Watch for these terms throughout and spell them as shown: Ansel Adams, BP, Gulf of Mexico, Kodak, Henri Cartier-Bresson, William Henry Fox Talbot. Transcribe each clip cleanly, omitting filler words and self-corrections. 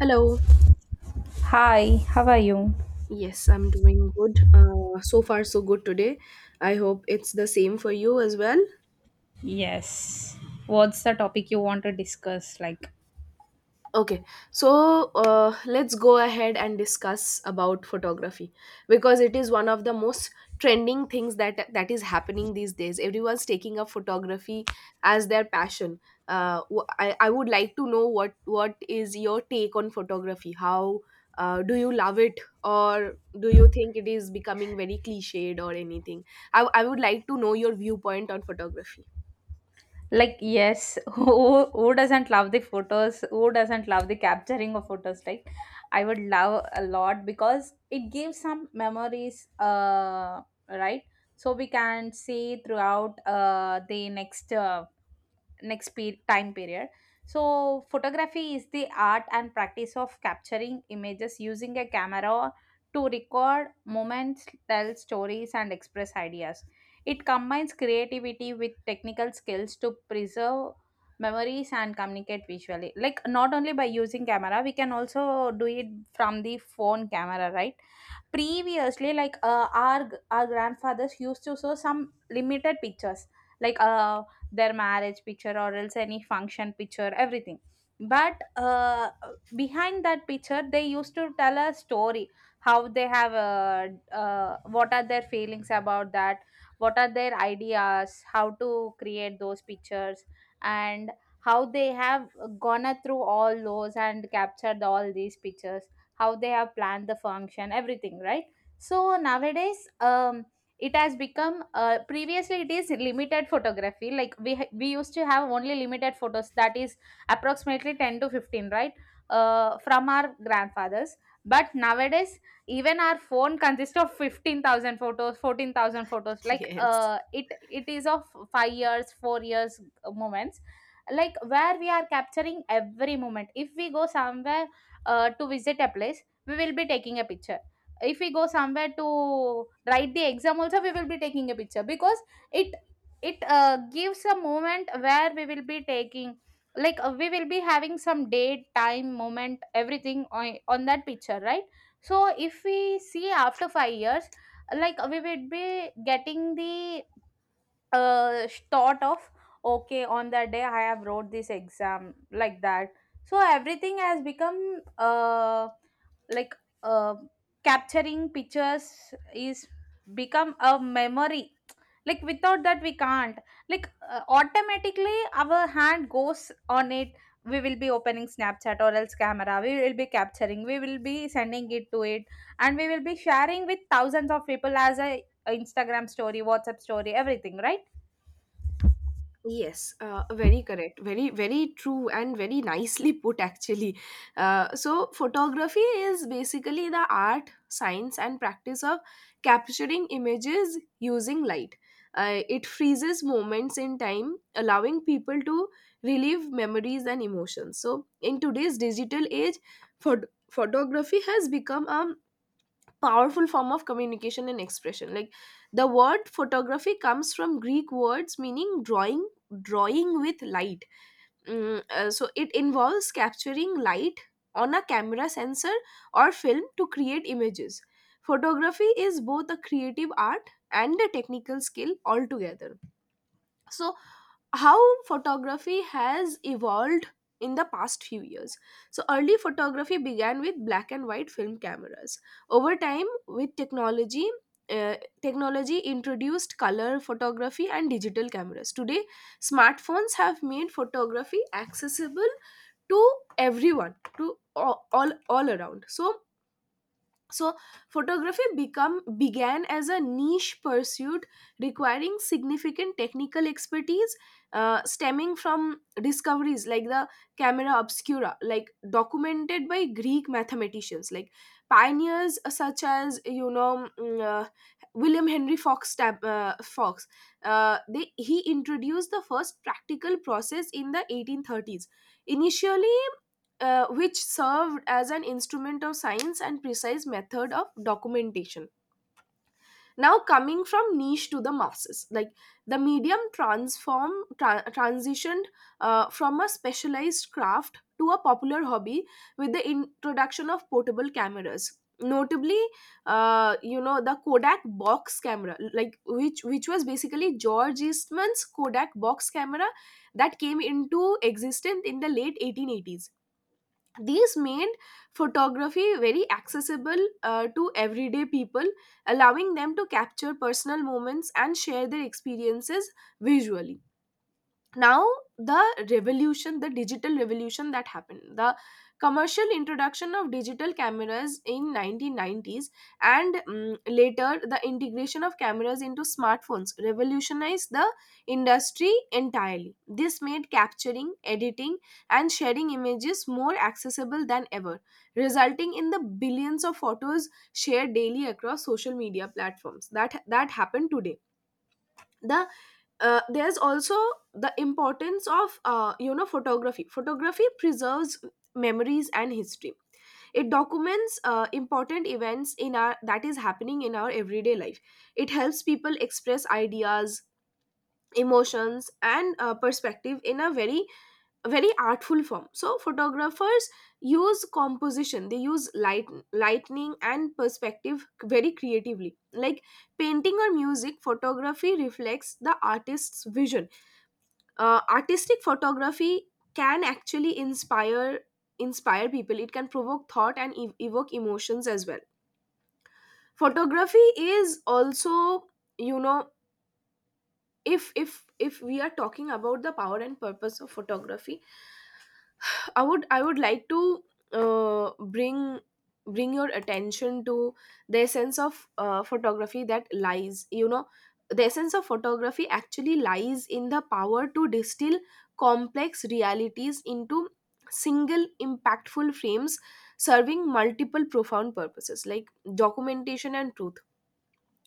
Hello. Hi, how are you? Yes, I'm doing good. So far, so good today. I hope it's the same for you as well. Yes. What's the topic you want to discuss? Like, Okay, so let's go ahead and discuss about photography because it is one of the most trending things that is happening these days. Everyone's taking up photography as their passion. I would like to know what is your take on photography? How do you love it, or do you think it is becoming very cliched or anything? I would like to know your viewpoint on photography. Like, yes, who doesn't love the photos? Who doesn't love the capturing of photos? Like, I would love a lot because it gives some memories, right? So we can see throughout the next time period. So photography is the art and practice of capturing images using a camera to record moments, tell stories, and express ideas. It combines creativity with technical skills to preserve memories and communicate visually, like, not only by using camera we can also do it from the phone camera, right? Previously, like, our grandfathers used to show some limited pictures, like, their marriage picture or else any function picture, everything. But, behind that picture they used to tell a story: how they have, what are their feelings about that, what are their ideas, how to create those pictures, and how they have gone through all those and captured all these pictures, how they have planned the function, everything, right? So nowadays, it has become, previously it is limited photography, like, we used to have only limited photos, that is approximately 10 to 15, right, from our grandfathers. But nowadays even our phone consists of 15,000 photos, 14,000 photos, like, Yes. It is of 5 years, 4 years, moments, like where we are capturing every moment. If we go somewhere, to visit a place we will be taking a picture. If we go somewhere to write the exam also, we will be taking a picture because it it gives a moment where we will be taking, like, we will be having some date, time moment, everything on that picture, right? So if we see after 5 years, like, we will be getting the, thought of, okay, on that day I have wrote this exam, like that. So everything has become, like, uh, capturing pictures is become a memory, like without that we can't, like, automatically our hand goes on it. We will be opening Snapchat or else camera, we will be capturing, we will be sending it to it, and we will be sharing with thousands of people as a Instagram story, WhatsApp story, everything, right? Yes, very correct. Very, very true and very nicely put, actually. Photography is basically the art, science, and practice of capturing images using light. It freezes moments in time, allowing people to relive memories and emotions. So, in today's digital age, photography has become a powerful form of communication and expression. Like, the word photography comes from Greek words meaning drawing with light. So it involves capturing light on a camera sensor or film to create images. Photography is both a creative art and a technical skill altogether. So how photography has evolved in the past few years. So, early photography began with black and white film cameras. Over time, with uh, technology, introduced color photography and digital cameras. Today, smartphones have made photography accessible to everyone, to all around. So photography become began as a niche pursuit requiring significant technical expertise, stemming from discoveries like the camera obscura, like documented by Greek mathematicians, like pioneers such as you know William Henry Fox Fox. Uh, they he introduced the first practical process in the 1830s initially, which served as an instrument of science and precise method of documentation. Now, coming from niche to the masses, like the transitioned from a specialized craft to a popular hobby with the introduction of portable cameras. Notably, you know, the Kodak box camera, like which was basically George Eastman's Kodak box camera that came into existence in the late 1880s. These made photography very accessible to everyday people, allowing them to capture personal moments and share their experiences visually. Now, the digital revolution that happened, the commercial introduction of digital cameras in 1990s, and later the integration of cameras into smartphones revolutionized the industry entirely. This made capturing, editing, and sharing images more accessible than ever, resulting in the billions of photos shared daily across social media platforms that happened today. the there's also the importance of photography preserves memories and history. It documents important events in our that is happening in our everyday life. It helps people express ideas, emotions, and perspective in a very, very artful form. So photographers use composition, they use light, lightning, and perspective very creatively. Like painting or music, photography reflects the artist's vision. Artistic photography can actually inspire people. It can provoke thought and evoke emotions as well. Photography is also, you know, if we are talking about the power and purpose of photography, I would like to uh, bring bring your attention to the essence of photography that lies, you know, the essence of photography actually lies in the power to distill complex realities into single impactful frames, serving multiple profound purposes, like documentation and truth.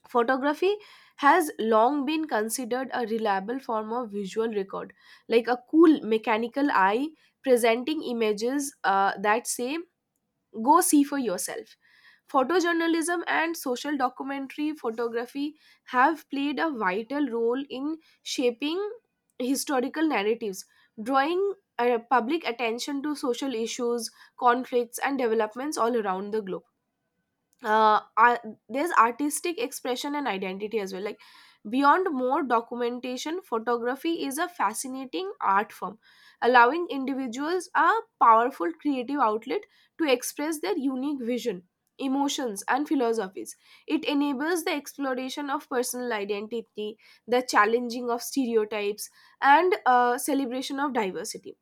Photography has long been considered a reliable form of visual record, like a cool mechanical eye presenting images that say, go see for yourself. Photojournalism and social documentary photography have played a vital role in shaping historical narratives, drawing public attention to social issues, conflicts, and developments all around the globe. uh, ar- there's artistic expression and identity as well, like beyond more documentation, photography is a fascinating art form, allowing individuals a powerful creative outlet to express their unique vision, emotions, and philosophies. It enables the exploration of personal identity, the challenging of stereotypes, and celebration of diversity.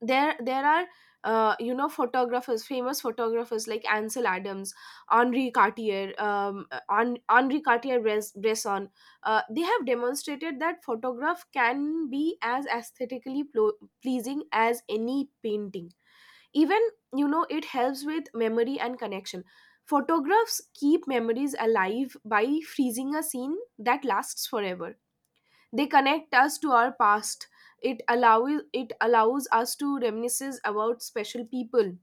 There are You know, photographers, famous photographers like Ansel Adams, Henri Cartier, Bresson, they have demonstrated that photograph can be as aesthetically pleasing as any painting. Even, you know, it helps with memory and connection. Photographs keep memories alive by freezing a scene that lasts forever. They connect us to our past. It allows us to reminisce about special people,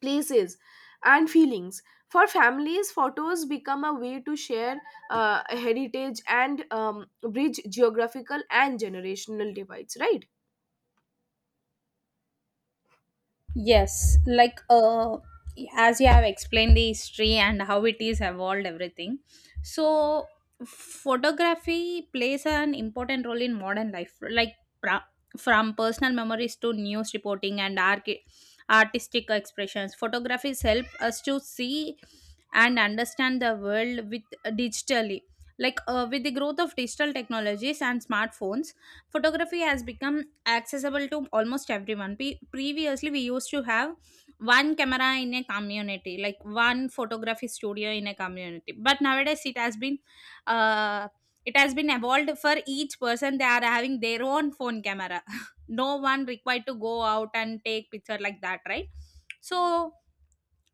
places, and feelings. For families, photos become a way to share heritage and bridge geographical and generational divides. Right. Yes, like, as you have explained the history and how it is evolved, everything. So, photography plays an important role in modern life, like, pra- from personal memories to news reporting and artistic expressions. Photographies help us to see and understand the world with, digitally. Like, with the growth of digital technologies and smartphones, photography has become accessible to almost everyone. Pe Previously, we used to have one camera in a community, like one photography studio in a community. But nowadays, it has been, uh, evolved for each person. They are having their own phone camera. No one required to go out and take picture like that, right? So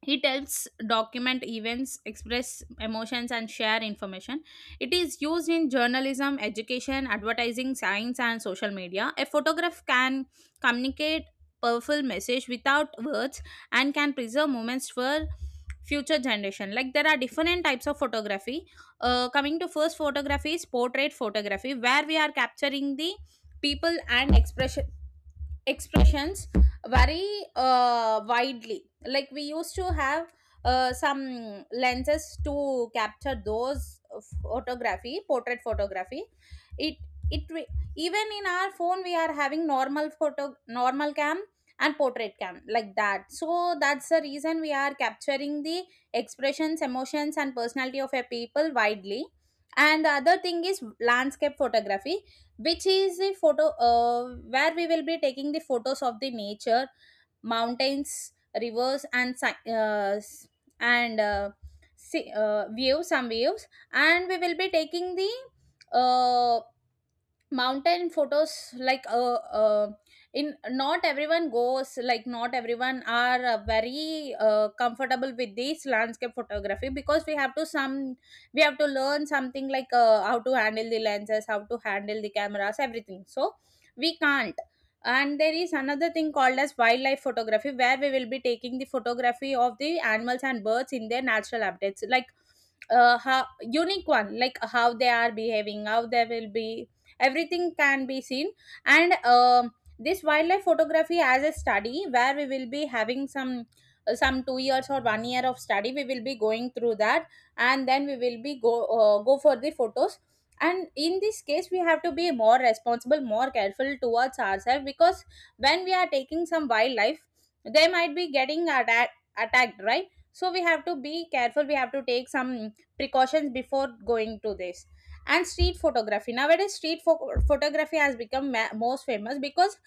it helps document events, express emotions, and share information. It is used in journalism, education, advertising, science, and social media. A photograph can communicate powerful message without words and can preserve moments for future generation. Like, there are different types of photography. Coming to first, photography is portrait photography where we are capturing the people and expressions very, widely, like we used to have, some lenses to capture those photography, portrait photography. It it re- even in our phone we are having normal photo, normal cam, and portrait cam, like that. So that's the reason we are capturing the expressions, emotions, and personality of a people widely. And the other thing is landscape photography, which is the photo, where we will be taking the photos of the nature, mountains, rivers, and and uh, views, some views, and we will be taking the, uh, mountain photos, like, in not everyone goes, like not everyone are, very, comfortable with this landscape photography because we have to learn something, like, how to handle the lenses, how to handle the cameras, everything, so we can't. And there is another thing called as wildlife photography where we will be taking the photography of the animals and birds in their natural habitats, like, how unique one, like how they are behaving, how they will be, everything can be seen. And, this wildlife photography as a study, where we will be having some 2 years or one year of study we will be going through that, and then we will be go for the photos. And in this case we have to be more responsible, more careful towards ourselves, because when we are taking some wildlife they might be getting, attacked, right? so we have to be careful we have to take some precautions before going to this and street photography, nowadays street photography has become most famous because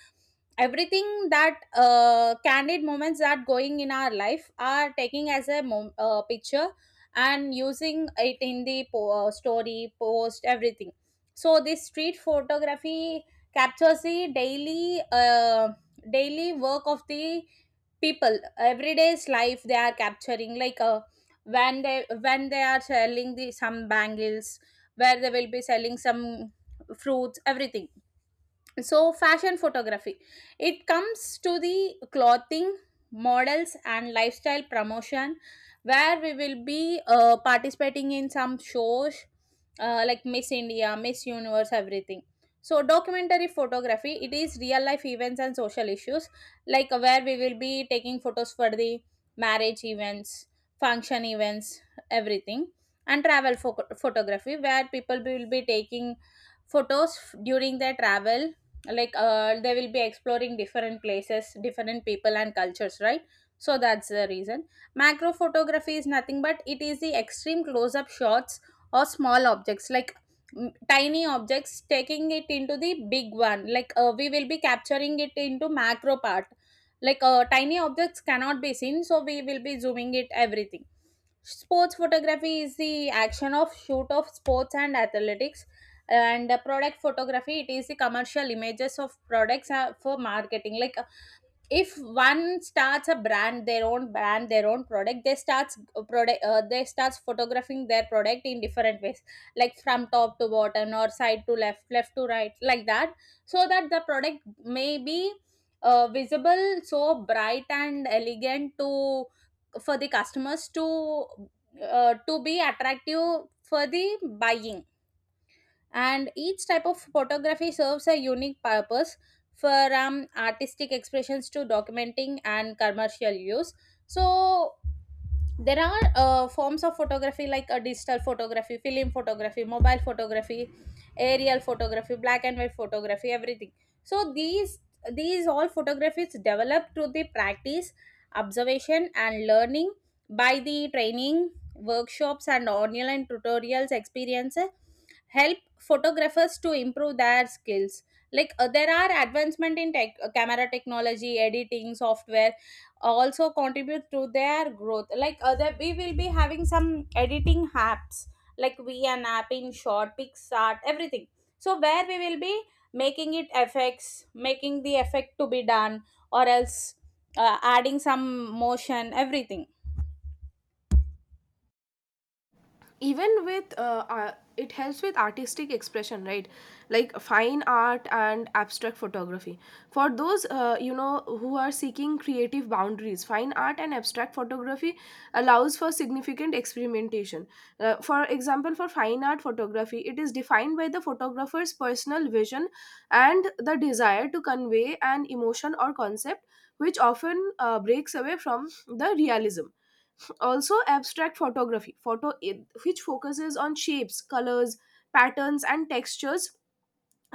everything that, candid moments that going in our life are taking as a picture, and using it in the story post, everything. So this street photography captures the daily, daily work of the people, everyday's life they are capturing, like, when they, when they are selling the some bangles, where they will be selling some fruits, everything. So fashion photography, it comes to the clothing, models, and lifestyle promotion where we will be, participating in some shows, like Miss India, Miss Universe, everything. So documentary photography, it is real life events and social issues, like where we will be taking photos for the marriage events, function events, everything. And travel photography where people will be taking photos during their travel, like, they will be exploring different places, different people, and cultures, right? So that's the reason. Macro photography is nothing but it is the extreme close up shots or small objects, like, tiny objects taking it into the big one, like, we will be capturing it into macro part, like, tiny objects cannot be seen so we will be zooming it, everything. Sports photography is the action of shoot of sports and athletics, and, product photography, it is the commercial images of products, for marketing. Like if one starts a brand, their own brand, their own product, they starts, product they starts photographing their product in different ways, like from top to bottom or side to left left to right, like that, so that the product may be, visible so bright and elegant to, for the customers, to be attractive for the buying. And each type of photography serves a unique purpose, from artistic expressions to documenting and commercial use. So there are, forms of photography like a digital photography, film photography, mobile photography, aerial photography, black and white photography, everything. So these all photographies developed through the practice, observation, and learning, by the training, workshops, and online tutorials, experience, help photographers to improve their skills. Like, there are advancement in camera technology, editing software also contribute to their growth, like other we will be having some editing apps, like we an app in short, Pixart, everything. So where we will be making it effects, making the effect to be done, or else, adding some motion, everything. Even with it helps with artistic expression, right, like fine art and abstract photography. For those you know who are seeking creative boundaries, fine art and abstract photography allows for significant experimentation. For example, for fine art photography, it is defined by the photographer's personal vision and the desire to convey an emotion or concept, which often breaks away from the realism. Also abstract photography, photo which focuses on shapes, colors, patterns, and textures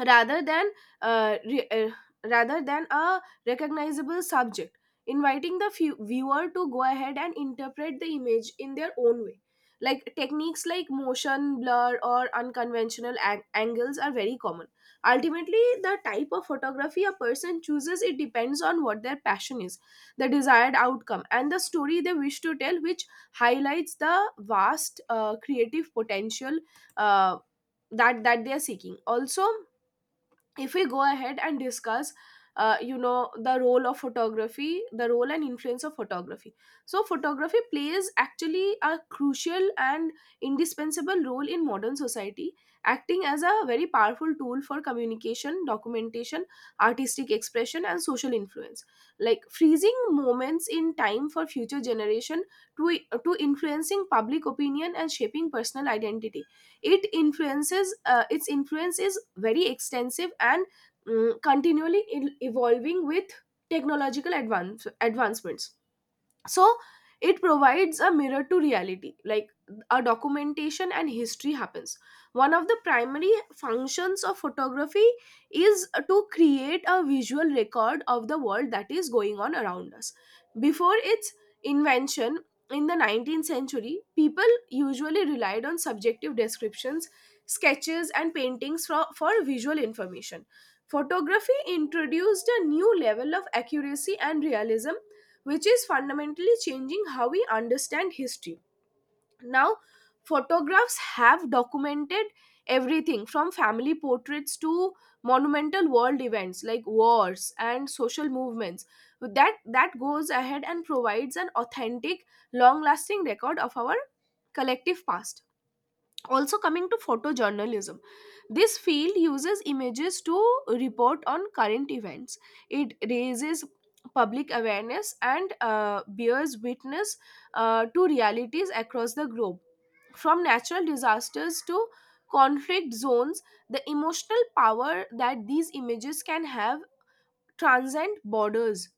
rather than uh, re- uh, rather than a recognizable subject, inviting the viewer to go ahead and interpret the image in their own way. Like techniques like motion blur or unconventional angles are very common. Ultimately, the type of photography a person chooses, it depends on what their passion is, the desired outcome, and the story they wish to tell, which highlights the vast creative potential uh, that they are seeking. Also, if we go ahead and discuss you know, the role of photography, the role and influence of photography, so photography plays actually a crucial and indispensable role in modern society, acting as a very powerful tool for communication, documentation, artistic expression, and social influence, like freezing moments in time for future generation, to to influencing public opinion and shaping personal identity. It influences its influence is very extensive and evolving with technological advancements. So it provides a mirror to reality, like a documentation, and history happens. One of the primary functions of photography is to create a visual record of the world that is going on around us. Before its invention in the 19th century, people usually relied on subjective descriptions, sketches, and paintings for visual information. Photography introduced a new level of accuracy and realism, which is fundamentally changing how we understand history. Now, photographs have documented everything from family portraits to monumental world events like wars and social movements, that goes ahead and provides an authentic long lasting record of our collective past. Also, coming to photojournalism, this field uses images to report on current events. It raises public awareness and bears witness to realities across the globe, from natural disasters to conflict zones. The emotional power that these images can have transcend borders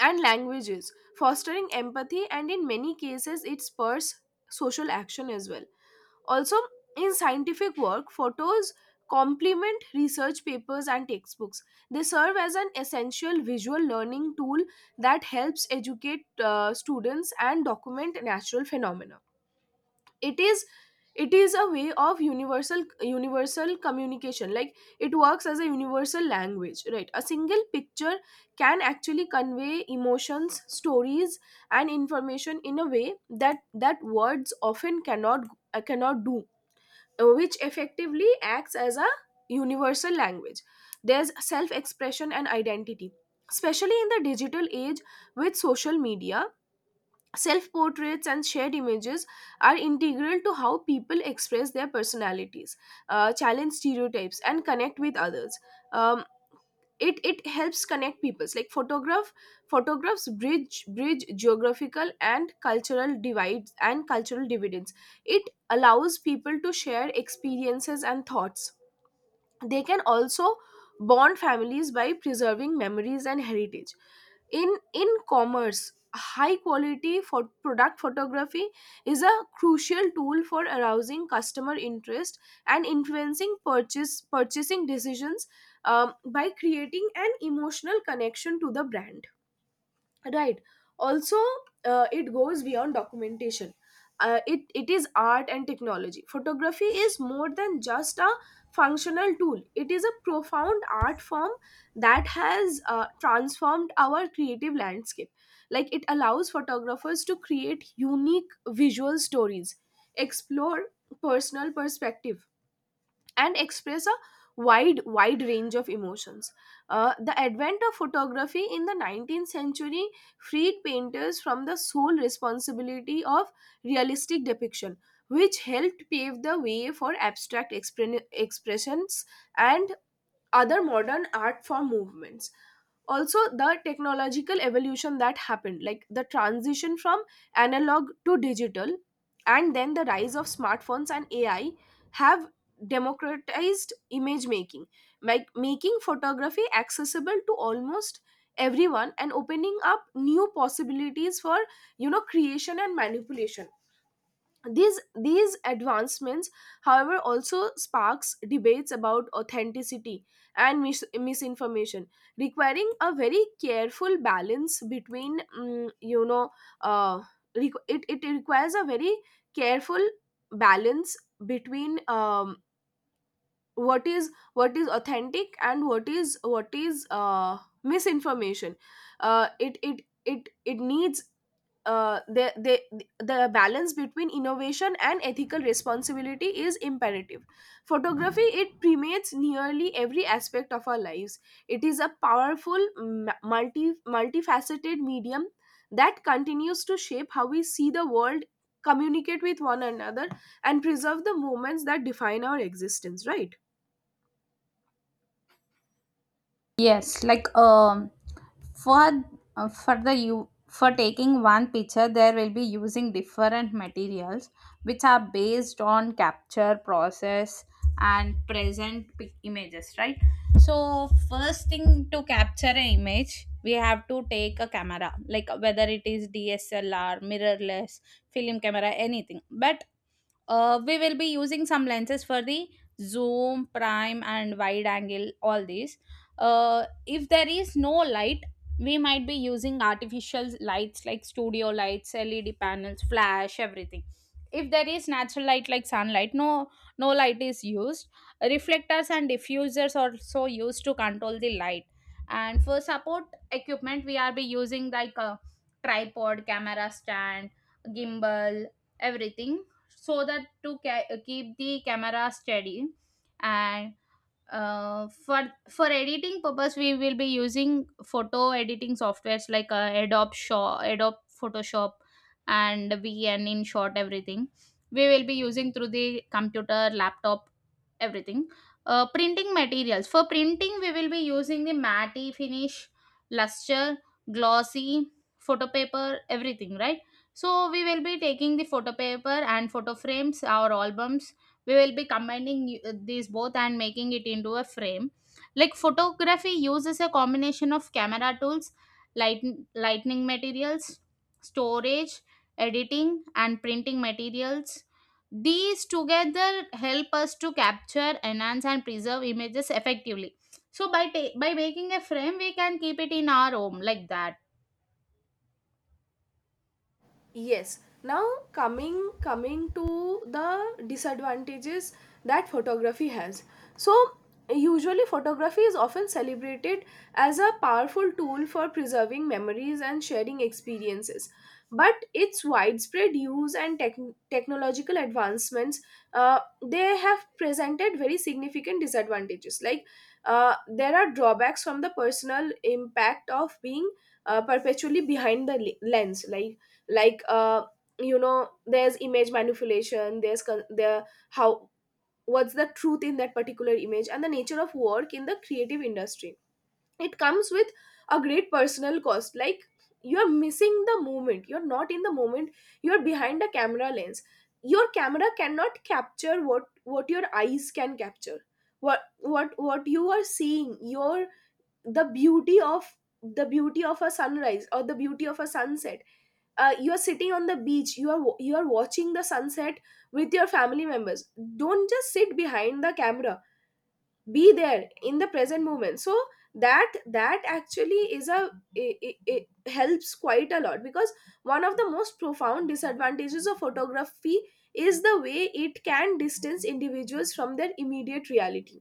and languages, fostering empathy, and in many cases it spurs social action as well. Also, in scientific work, photos complement research papers and textbooks. They serve as an essential visual learning tool that helps educate students and document natural phenomena. It is it is a way of universal communication. Like, it works as a universal language, right? A single picture can actually convey emotions, stories, and information in a way that words often cannot, cannot do, which effectively acts as a universal language. There's self expression and identity. Especially in the digital age with social media, self portraits and shared images are integral to how people express their personalities, challenge stereotypes, and connect with others. Um, it helps connect peoples, like photographs bridge geographical and cultural divides, and cultural dividends. It allows people to share experiences and thoughts. They can also bond families by preserving memories and heritage. In commerce, high quality for product photography is a crucial tool for arousing customer interest and influencing purchase purchasing decisions, by creating an emotional connection to the brand, right. Also, it goes beyond documentation. It is art and technology. Photography is more than just a functional tool. It is a profound art form that has transformed our creative landscape. Like, it allows photographers to create unique visual stories, explore personal perspective, and express a wide range of emotions. The advent of photography in the 19th century freed painters from the sole responsibility of realistic depiction, which helped pave the way for abstract expressions and other modern art form movements. Also, the technological evolution that happened, like the transition from analog to digital and then the rise of smartphones and ai, have democratized image making, like making photography accessible to almost everyone and opening up new possibilities for creation and manipulation. These advancements, however, also sparks debates about authenticity and misinformation, requiring a very careful balance between, uh, it requires a very careful balance between, what is authentic and what is misinformation. It needs, the the balance between innovation and ethical responsibility is imperative. Photography, it permeates nearly every aspect of our lives. It is a powerful multifaceted medium that continues to shape how we see the world, communicate with one another, and preserve the moments that define our existence, right? Yes, like, for, for the you for taking one picture, there will be using different materials which are based on capture process and present images, right? So first thing to capture an image, we have to take a camera, like whether it is DSLR, mirrorless, film camera, anything. But, we will be using some lenses for the zoom, prime, and wide angle, all these. If there is no light, we might be using artificial lights like studio lights, LED panels, flash, everything. If there is natural light like sunlight, no light is used. Reflectors and diffusers are also used to control the light. And for support equipment, we are be using like a tripod, camera stand, gimbal, everything, so that to keep the camera steady. And, for, editing purpose we will be using photo editing softwares, like, Adobe Photoshop and VN, InShot, everything we will be using through the computer, laptop, everything. Printing materials. For printing, we will be using the matte finish, luster, glossy, photo paper, everything, right? So we will be taking the photo paper and photo frames, our albums. We will be combining, these both and making it into a frame. Like photography uses a combination of camera tools, light, lightning materials, storage, editing, and printing materials. These together help us to capture, enhance, and preserve images effectively. So by by making a frame, we can keep it in our home, like that. Yes. Now, coming to the disadvantages that photography has. So, usually, photography is often celebrated as a powerful tool for preserving memories and sharing experiences. But its widespread use and technological advancements, uh, they have presented very significant disadvantages. Like, there are drawbacks from the personal impact of being perpetually behind the lens. Like, there's image manipulation, the how, what's the truth in that particular image, and the nature of work in the creative industry, it comes with a great personal cost. Like, you're missing the moment, you're not in the moment, you're behind a camera lens. Your camera cannot capture what your eyes can capture, what you are seeing, your the beauty of a sunrise or the beauty of a sunset. You are sitting on the beach, you are watching the sunset with your family members. Don't just sit behind the camera, be there in the present moment. So, that actually is a, it helps quite a lot, because one of the most profound disadvantages of photography is the way it can distance individuals from their immediate reality.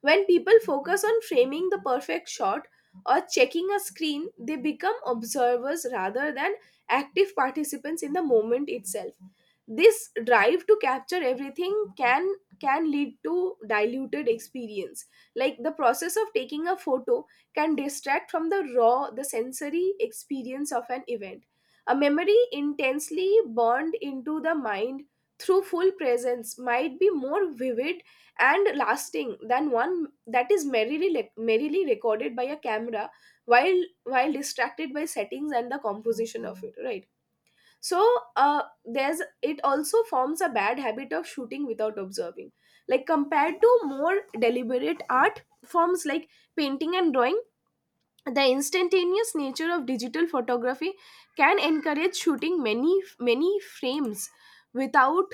When people focus on framing the perfect shot or checking a screen, they become observers rather than active participants in the moment itself. This drive to capture everything can lead to diluted experience. Like, the process of taking a photo can distract from the raw, the sensory experience of an event. A memory intensely burned into the mind through full presence might be more vivid and lasting than one that is merrily recorded by a camera while distracted by settings and the composition of it, right? So, there's it also forms a bad habit of shooting without observing, like compared to more deliberate art forms like painting and drawing, the instantaneous nature of digital photography can encourage shooting many frames without,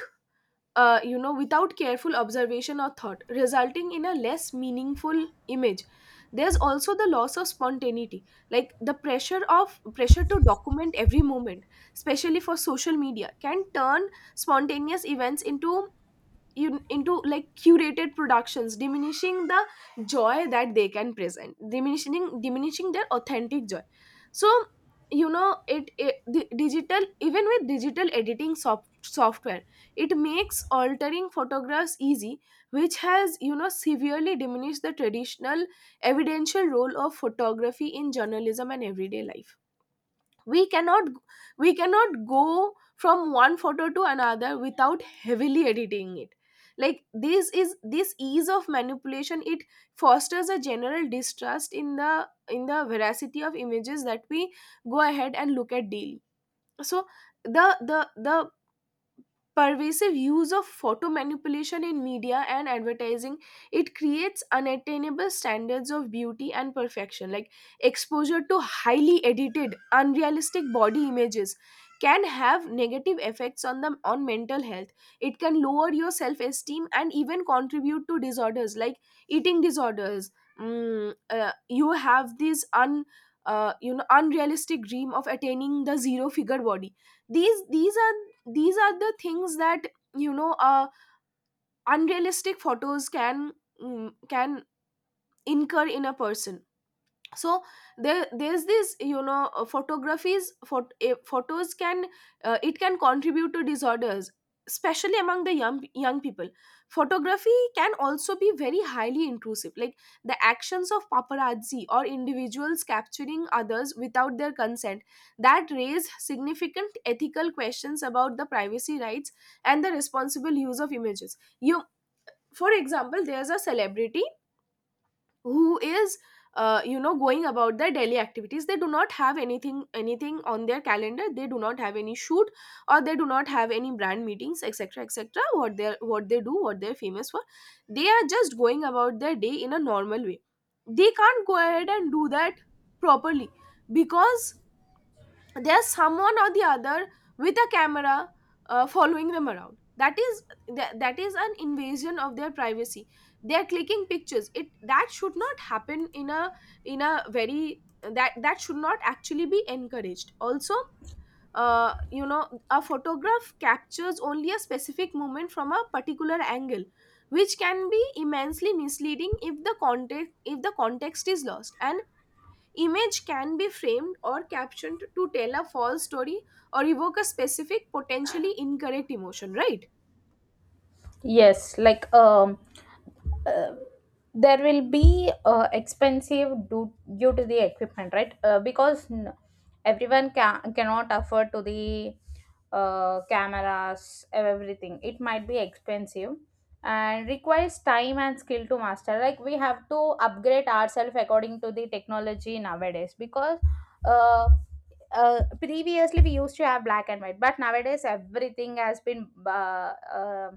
without careful observation or thought, resulting in a less meaningful image. There's also the loss of spontaneity, like the pressure to document every moment, especially for social media, can turn spontaneous events into like curated productions, diminishing the joy that they can present, diminishing their authentic joy. So, it, it the digital, even with digital editing software, it makes altering photographs easy, which has severely diminished the traditional evidential role of photography in journalism and everyday life. We cannot we cannot go from one photo to another without heavily editing it. Like, this is this ease of manipulation, it fosters a general distrust in the veracity of images that we go ahead and look at daily. So, the pervasive use of photo manipulation in media and advertising, it creates unattainable standards of beauty and perfection. Like, exposure to highly edited, unrealistic body images can have negative effects on the, on mental health. It can lower your self esteem and even contribute to disorders like eating disorders. You have this un unrealistic dream of attaining the zero figure body. These these are these are the things that, you know uh, unrealistic photos can, can incur in a person. So, there's this, photographies for, photos can, it can contribute to disorders, especially among the young people. Photography can also be very highly intrusive, like the actions of paparazzi or individuals capturing others without their consent that raise significant ethical questions about the privacy rights and the responsible use of images. You, for example, there's a celebrity who is, going about their daily activities, they do not have anything on their calendar, they do not have any shoot or they do not have any brand meetings, etc, etc, what they do, what they're famous for. They are just going about their day in a normal way. They can't go ahead and do that properly, because there's someone or the other with a camera, following them around. That is, that is an invasion of their privacy. They're clicking pictures, it, that should not happen in a, in a very, that should not actually be encouraged, also. A photograph captures only a specific moment from a particular angle, which can be immensely misleading if the context, if the context is lost, and image can be framed or captioned to tell a false story or evoke a specific, potentially incorrect emotion, right? Yes, like, uh, there will be, expensive due to the equipment, right? Because everyone cannot afford to the, cameras, everything. It might be expensive and requires time and skill to master. Like we have to upgrade ourselves according to the technology nowadays because, uh, previously we used to have black and white, but nowadays everything has been,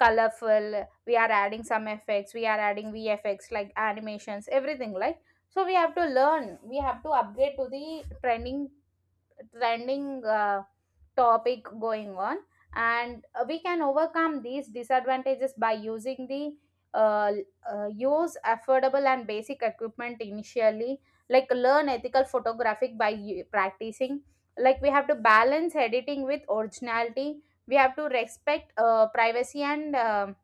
colorful. We are adding some effects, we are adding VFX like animations, everything, like, so we have to learn, we have to upgrade to the trending topic going on. And, we can overcome these disadvantages by using the, uh, use affordable and basic equipment initially, like learn ethical photographic by practicing, like we have to balance editing with originality, we have to respect, privacy and,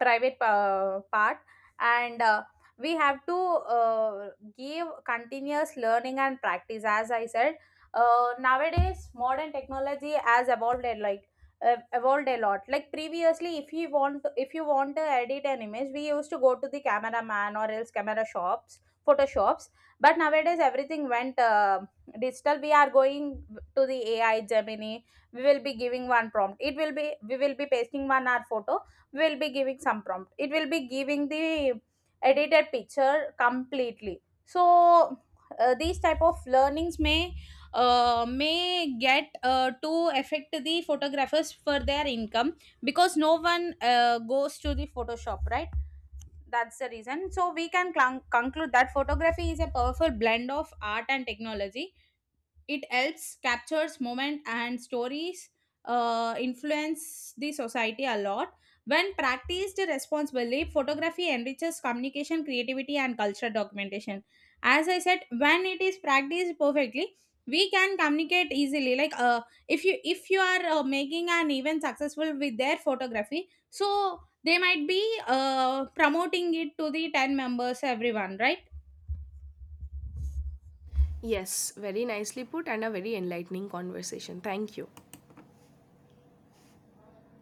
private, part, and, we have to, uh, give continuous learning and practice, as I said. Nowadays modern technology has evolved a, evolved a lot, like previously, if you want to edit an image we used to go to the cameraman or else camera shops, photoshops, but nowadays everything went, digital, we are going to the AI Gemini. We will be giving one prompt, it will be we will be pasting one our photo, will be giving some prompt, it will be giving the edited picture completely, so, these type of learnings may, get, to affect the photographers for their income, because no one, goes to the photoshop, right? That's the reason. So we can clung conclude that photography is a powerful blend of art and technology. It helps captures moment and stories, influence the society a lot. When practiced responsibly, photography enriches communication, creativity, and cultural documentation. As I said, when it is practiced perfectly we can communicate easily, like, if you are, making an event successful with their photography, so they might be, promoting it to the 10 members, everyone, right? Yes, very nicely put, and a very enlightening conversation. Thank you.